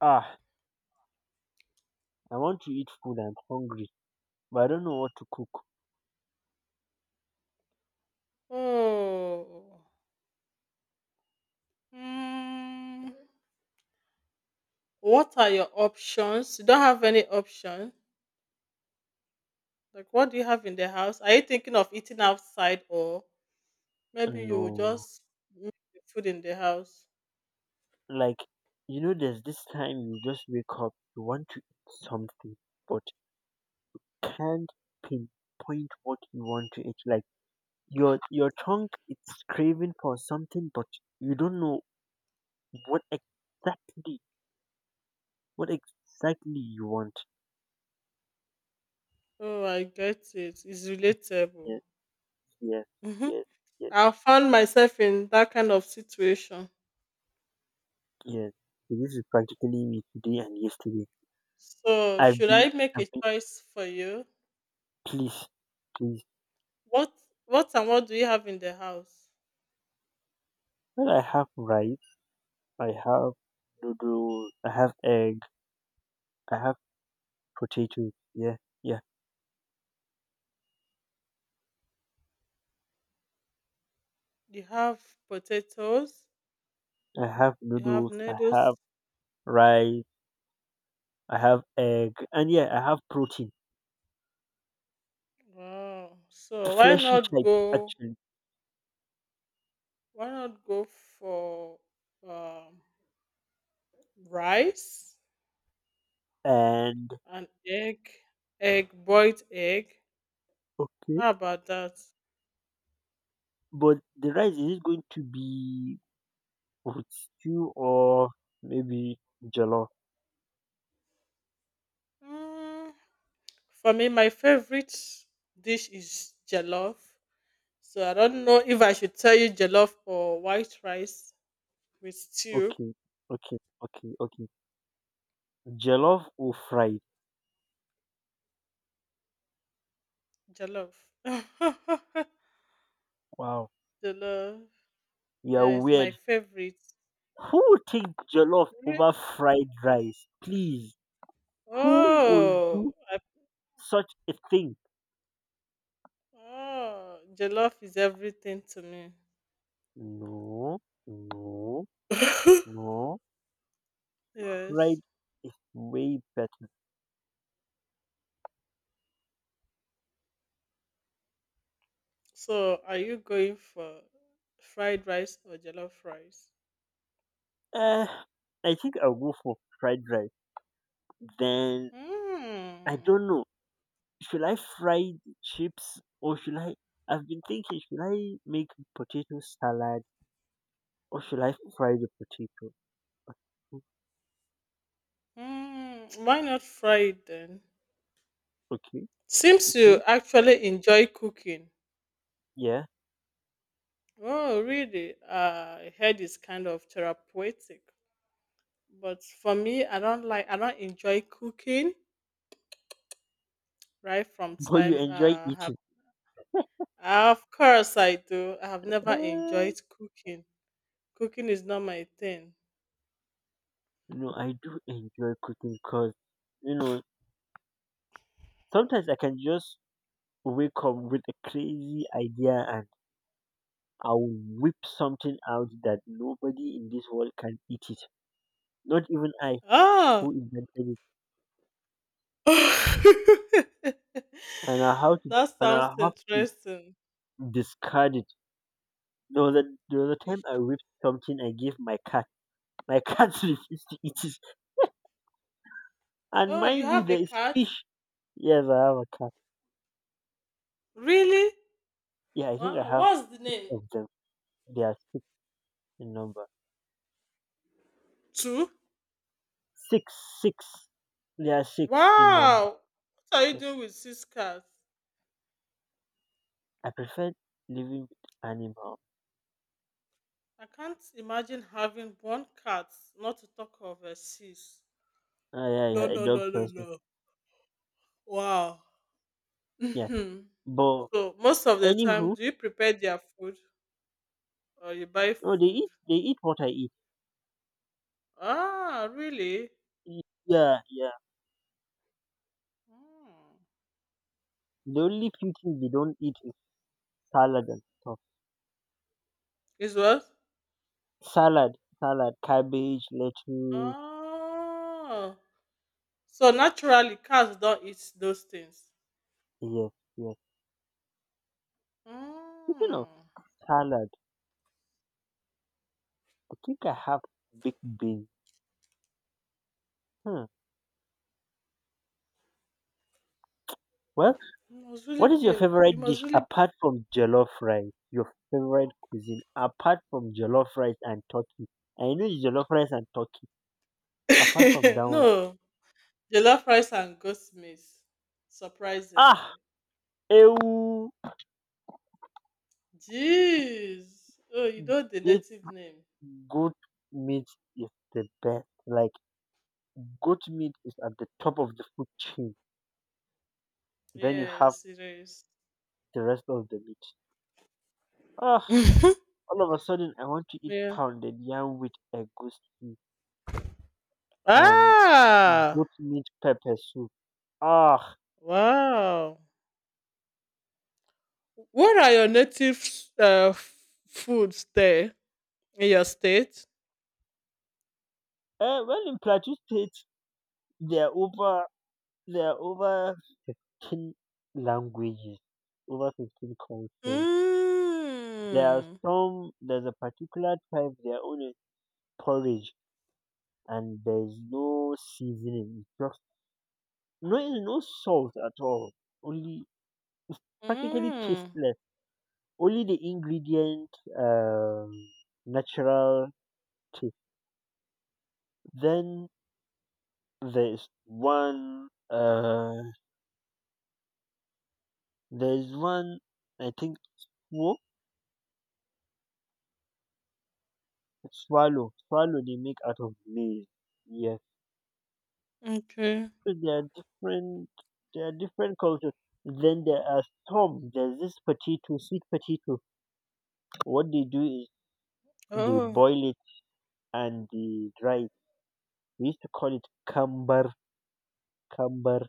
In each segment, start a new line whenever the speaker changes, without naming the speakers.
Ah, I want to eat food. I'm hungry, but I don't know what to cook.
Oh, mm, what are your options? You don't have any option. Like, what do you have in the house? Are you thinking of eating outside, or maybe you will
No,
just make the food in the house?
like you know, there's this time you just wake up, you want to eat something, but can't pinpoint what you want to eat. Like your tongue, it's craving for something, but you don't know what exactly you want.
Oh, I get it. It's relatable.
Yes, yes,
Hmm.
yes, yes,
I found myself in that kind of situation.
yes. So this is practically me today and yesterday.
So,
I've
should I
been,
make
I've
a
been,
choice for you?
please, please.
What, and what do you have in the house?
Well, I have rice, I have noodles, I have egg, I have potatoes. Yeah, yeah.
You have potatoes.
I have
You have
noodles, I have
noodles.
rice, I have egg, and yeah, I have protein,
Wow.
the
So why
fleshy
not
type
go?
actually.
Why not go for um, rice
And
and egg, boiled egg?
okay,
How about that?
but the rice, is it going to be with stew or maybe jollof?
Mm, for me, my favorite dish is jollof. So I don't know if I should tell you jollof or white rice with stew.
Okay, okay, okay, okay. Jollof or fried?
Jollof.
Wow,
Jollof.
you are
Yeah, it's my
weird.
favorite.
Who would take jollof
Re-
over fried rice? Please. Who will
Oh,
do such a thing?
ah, jollof is everything to me.
No, no, no.
Yes.
Fried is way better.
So, are you going for fried rice or jollof rice?
Uh, I think I'll go for fried rice. Then I
Hmm.
don't know. Should I fry the chips or should I? I've been thinking, should I make potato salad or should I fry the potato? Mm,
Hmm. Why not fried then?
okay,
Seems you
okay,
actually enjoy cooking.
yeah.
Oh, really? I heard it's kind of therapeutic. But for me, I don't like. I don't enjoy cooking. Right from
But you
time.
enjoy
Have
eating.
Of course I do. I have never
Uh,
enjoyed cooking. Cooking is not my thing.
no, I do enjoy cooking because you know sometimes I can just wake up with a crazy idea and I'll whip something out that nobody in this world can eat it. Not even I
Ah,
who invented it.
that
And I have to and
sounds
I have to
interesting.
discard it. The other the other
You
time I
should.
whipped something I gave my cat. My cat refused to eat it. And
Oh, you
mind you
have a
there is
cat?
fish. Yes, I have a cat.
Really?
Yeah, I think I
Wow.
have
What's the name?
of them. They are six in number.
Two.
Six, six. They are six in number.
Wow. What are you
Yeah.
doing with six cats?
I prefer living with animals.
I can't imagine having one cat, not to talk of a six.
Ah, yeah,
No,
yeah, a
no,
dog
no, no,
person.
no. Wow.
Yeah,
Mhm.
but
So most of the time,
anywho,
do you prepare their food or you buy
no, they
food?
eat. They eat what I eat.
Ah, really?
Y- Yeah, yeah.
Mm.
The only few things they don't eat is salad and stuff.
It's what?
Salad, salad, cabbage, lettuce.
Oh. So naturally, cats don't eat those things.
Yes, yes. Speaking of
Mm.
salad, I think I have big beans. Hmm. Well, what is your
You
favorite
must
dish
really. Be.
apart from jollof rice? Your favorite cuisine apart from jollof rice and turkey? I know it's jollof rice and turkey. Apart from that one,
No, jollof rice and goat meat. Surprisingly,
ah,
jeez. Oh, you know the
ew.
native name.
Goat meat is the best. Like goat meat is at the top of the food chain. Then you have
Yes, it is.
the rest of the meat. Ah, all of a sudden I want to eat
Yeah.
pounded yam with egusi and
Ah.
goat meat pepper soup. Ah,
Wow. What are your native uh, f- foods there in your state?
eh, well in Plateau State there are over there are over 15 languages, over 15 cultures. There are
Mm.
some. There's a particular type. Their own is porridge, and there's no seasoning. It's just no no salt at all. Only it's practically
Mm.
tasteless. Only the ingredient um, natural taste. Then there's one uh there's one I think swo- swallow swallow they make out of maize. Yes.
Okay.
So there are different cultures. Then there are some. There's this potato, sweet potato. What they do is they
Oh,
boil it and the dry. We used to call it camber, camber.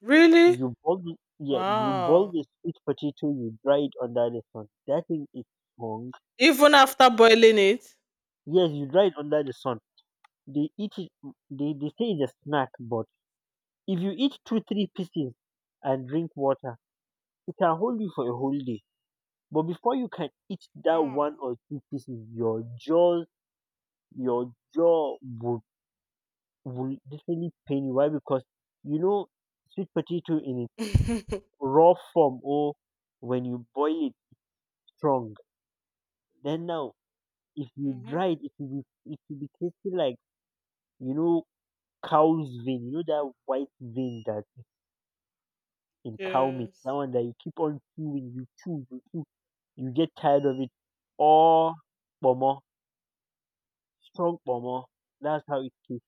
really?
You boil, yeah, you boil
Wow.
the sweet potato, you dry it under the sun. That thing is strong.
Even after boiling it?
Yes, you dry it under the sun. They eat it. They say it's a snack, but if you eat two, three pieces and drink water, it can hold you for a whole day. But before you can eat that one
Wow.
or two pieces, your jaw would definitely pain you. Why? Because you know sweet potato in
Mm-hmm.
raw form or when you boil it strong. Then now, if you dry it, it will be tasting like you know cow's vein. You know that white vein that is in cow meat. That
Yes.
one that you keep on chewing, you chew, you chew, you get tired of it. Or pomo, strong pomo. That's how it tastes.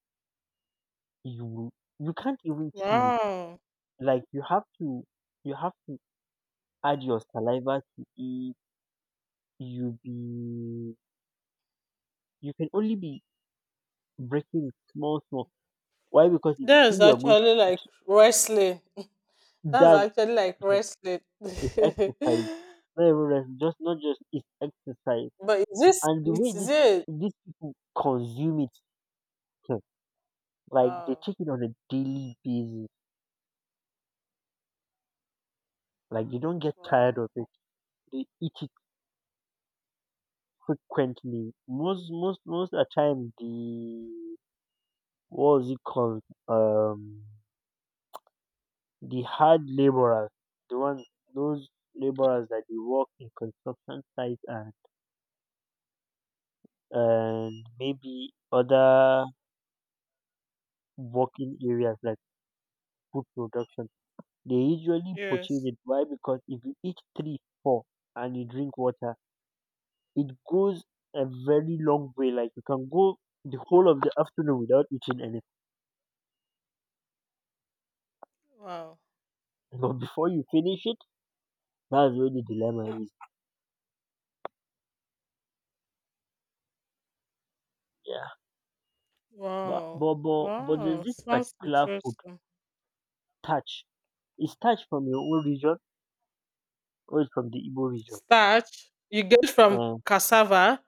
You you can't even chew it.
Wow.
Like you have to add your saliva to it. You be you can only be breaking small, small. Why? Because if you
That is
see you're going
actually
to
like wrestling. That's
that
actually like wrestling.
is exercise. Not even rest, just not just it's exercise.
But is this
And the
it?
way
Is
this
it?
these people consume it, hmm, like they
Wow.
take it on a daily basis. Like they don't get tired
Wow.
of it. They eat it frequently. Most of the time the what was it called? Um the hard laborers, the ones those laborers that they work in construction sites and maybe other working areas like food production, they usually purchase
Yes.
it. Why? Because if you eat three, four, and you drink water, it goes a very long way. Like you can go the whole of the afternoon without eating anything,
Wow.
but before you finish it, that's where the dilemma is. Yeah, but
Wow.
but but, but
Wow.
there's this
Sounds
particular food,
interesting.
touch. Is touch from your own region or is from the Igbo region?
Starch you get from
Uh,
cassava.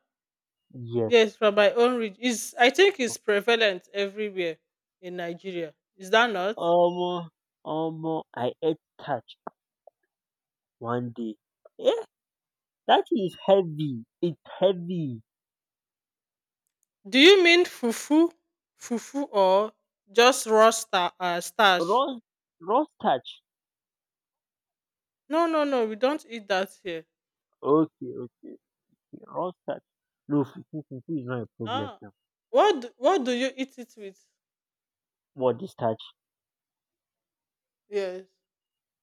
yes.
Yes, from my own region. Is I think it's prevalent everywhere in Nigeria. Is that not?
Omo, omo, I ate touch one day. Eh, that is heavy. It's heavy.
Do you mean fufu, or just starch?
Raw, raw starch.
No, no, no. We don't eat that here.
Okay, okay, okay. Raw starch. No, fufu, fufu is not a problem
Ah,
now.
what do you eat it with?
What, the starch?
Yes.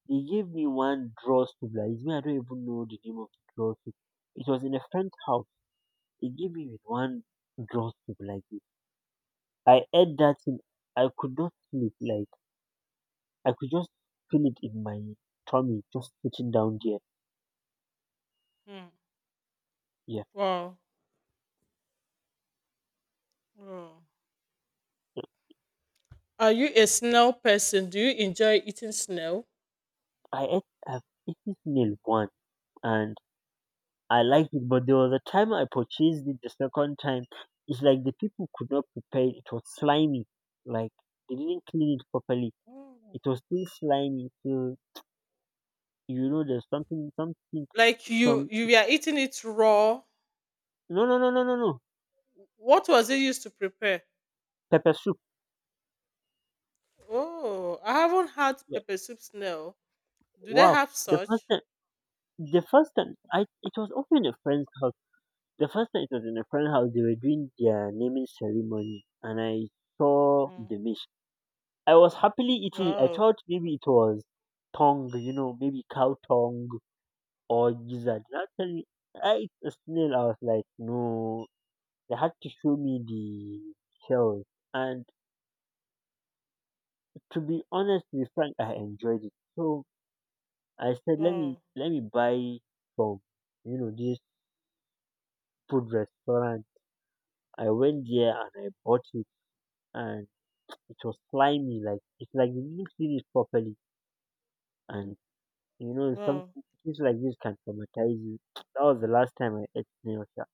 They gave me one draw soup. Like, it's me, I don't even know the name of the draw soup. It was in a friend's house. They gave me with one draw soup like this. I ate that thing. I could not sleep. Like, I could just feel it in my tummy, just sitting down there.
Hmm. Wow. Wow. Are you a snail person? Do you enjoy eating snail?
I've eaten this meal once and I liked it, but there was a time I purchased it the second time. It's like the people could not prepare it. It was slimy. Like they didn't clean it properly.
Mm.
It was still slimy. So you know there's something,
Like you
some
you were eating it raw.
no no no no no no.
What was it used to prepare?
Pepper soup.
Oh, I haven't had
Yeah.
pepper soup snail. Do they
Wow.
have
The first
such?
time the first time I it was also in a friend's house. The first time it was in a friend's house they were doing their naming ceremony and I saw
Mm.
the dish. I was happily eating it. I
Wow,
thought maybe it was tongue, you know, maybe cow tongue or gizzard. Now tell me, I ate a snail. I was like, no, they had to show me the shells. And to be honest, to be frank, I enjoyed it. So I said,
wow,
let me buy from you know this food restaurant. I went there and I bought it, and it was slimy. Like it's like they didn't clean it properly, and you know, some
wow,
things like this can traumatize you. That was the last time I ate snail sha.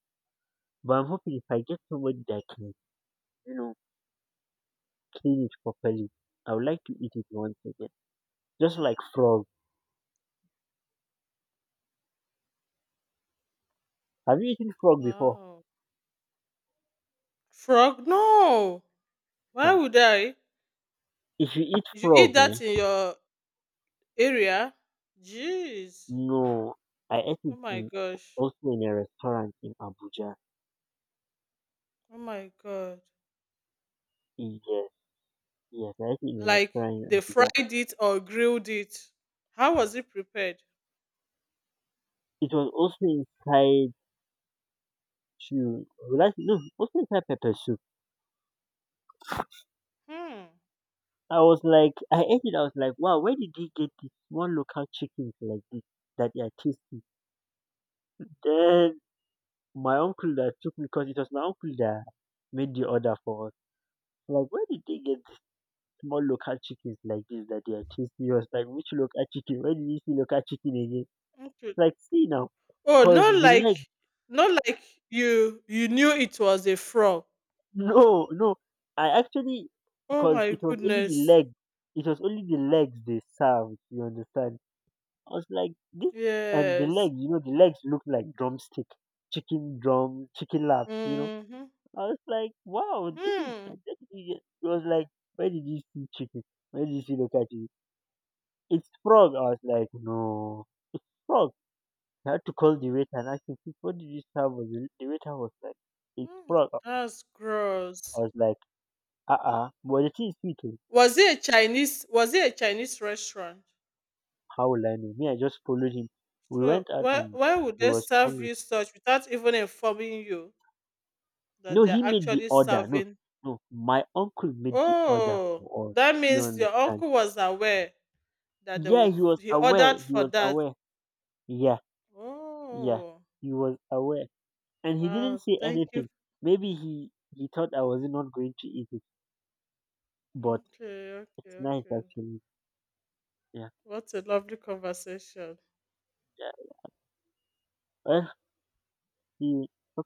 But I'm hoping if I get somebody that can, you know, clean it properly, I would like to eat it once again. Just like frog. Have you eaten frog before?
wow. Frog? No. Why
Huh.
would I?
If you eat
You eat
frog, eh?
that in your area? Jeez.
No, I ate
Oh
it
my
in
gosh.
also in a restaurant in Abuja.
Oh my god.
Yes, yes, I ate it in a
Like
restaurant
they
in
fried
Abuja.
it or grilled it. How was it prepared?
It was also inside chew. Was that, no, also inside pepper soup.
Hmm.
I was like, I ate it. I was like, wow, where did they get this small local chickens like this that they are tasty? Then my uncle that took me, because it was my uncle that made the order for us. Like, where did they get these small local chickens like this that they are tasty? He was like, which local chicken? Where did you see local chicken again?
Okay.
It's like, see now,
Oh,
because the leg,
not like you knew it was a frog.
no, no, I actually,
Oh
because
my
it was only the
goodness.
leg, it was only the legs they served, you understand? I was like, this and the
Yes.
legs. You know, the legs look like drumstick, chicken drum, chicken lap, you know.
Mm-hmm.
I was like, wow, this is nice.
Hmm.
This is it. It was like, where did you see chicken? Where did you see the chicken? It's frog. I was like, no, it's frog. I had to call the waiter and ask him, "Please, what did you serve us?" The waiter was like, it's
Hmm.
frog.
That's
I
gross.
was like, uh-uh. But the thing is, sweet, oh.
Was it a Chinese restaurant?
How will I know? Me, I just followed him. We
So
went out and
why would
he
they
was
serve
hungry.
you such without even informing you that
No,
they're
he made the
actually
order. No,
serving?
no, my uncle made the order
Oh,
for us.
that
You
means your
understand?
uncle was aware that they
Yeah,
would
he was
he
aware.
ordered
He
for
was
that.
aware. Yeah, yeah,
Oh,
he was aware, and he didn't
wow,
say
thank you.
anything. Maybe he thought I was not going to eat it, but
Okay, okay,
it's nice
okay.
actually. Yeah,
What a lovely conversation.
yeah. Well, he talk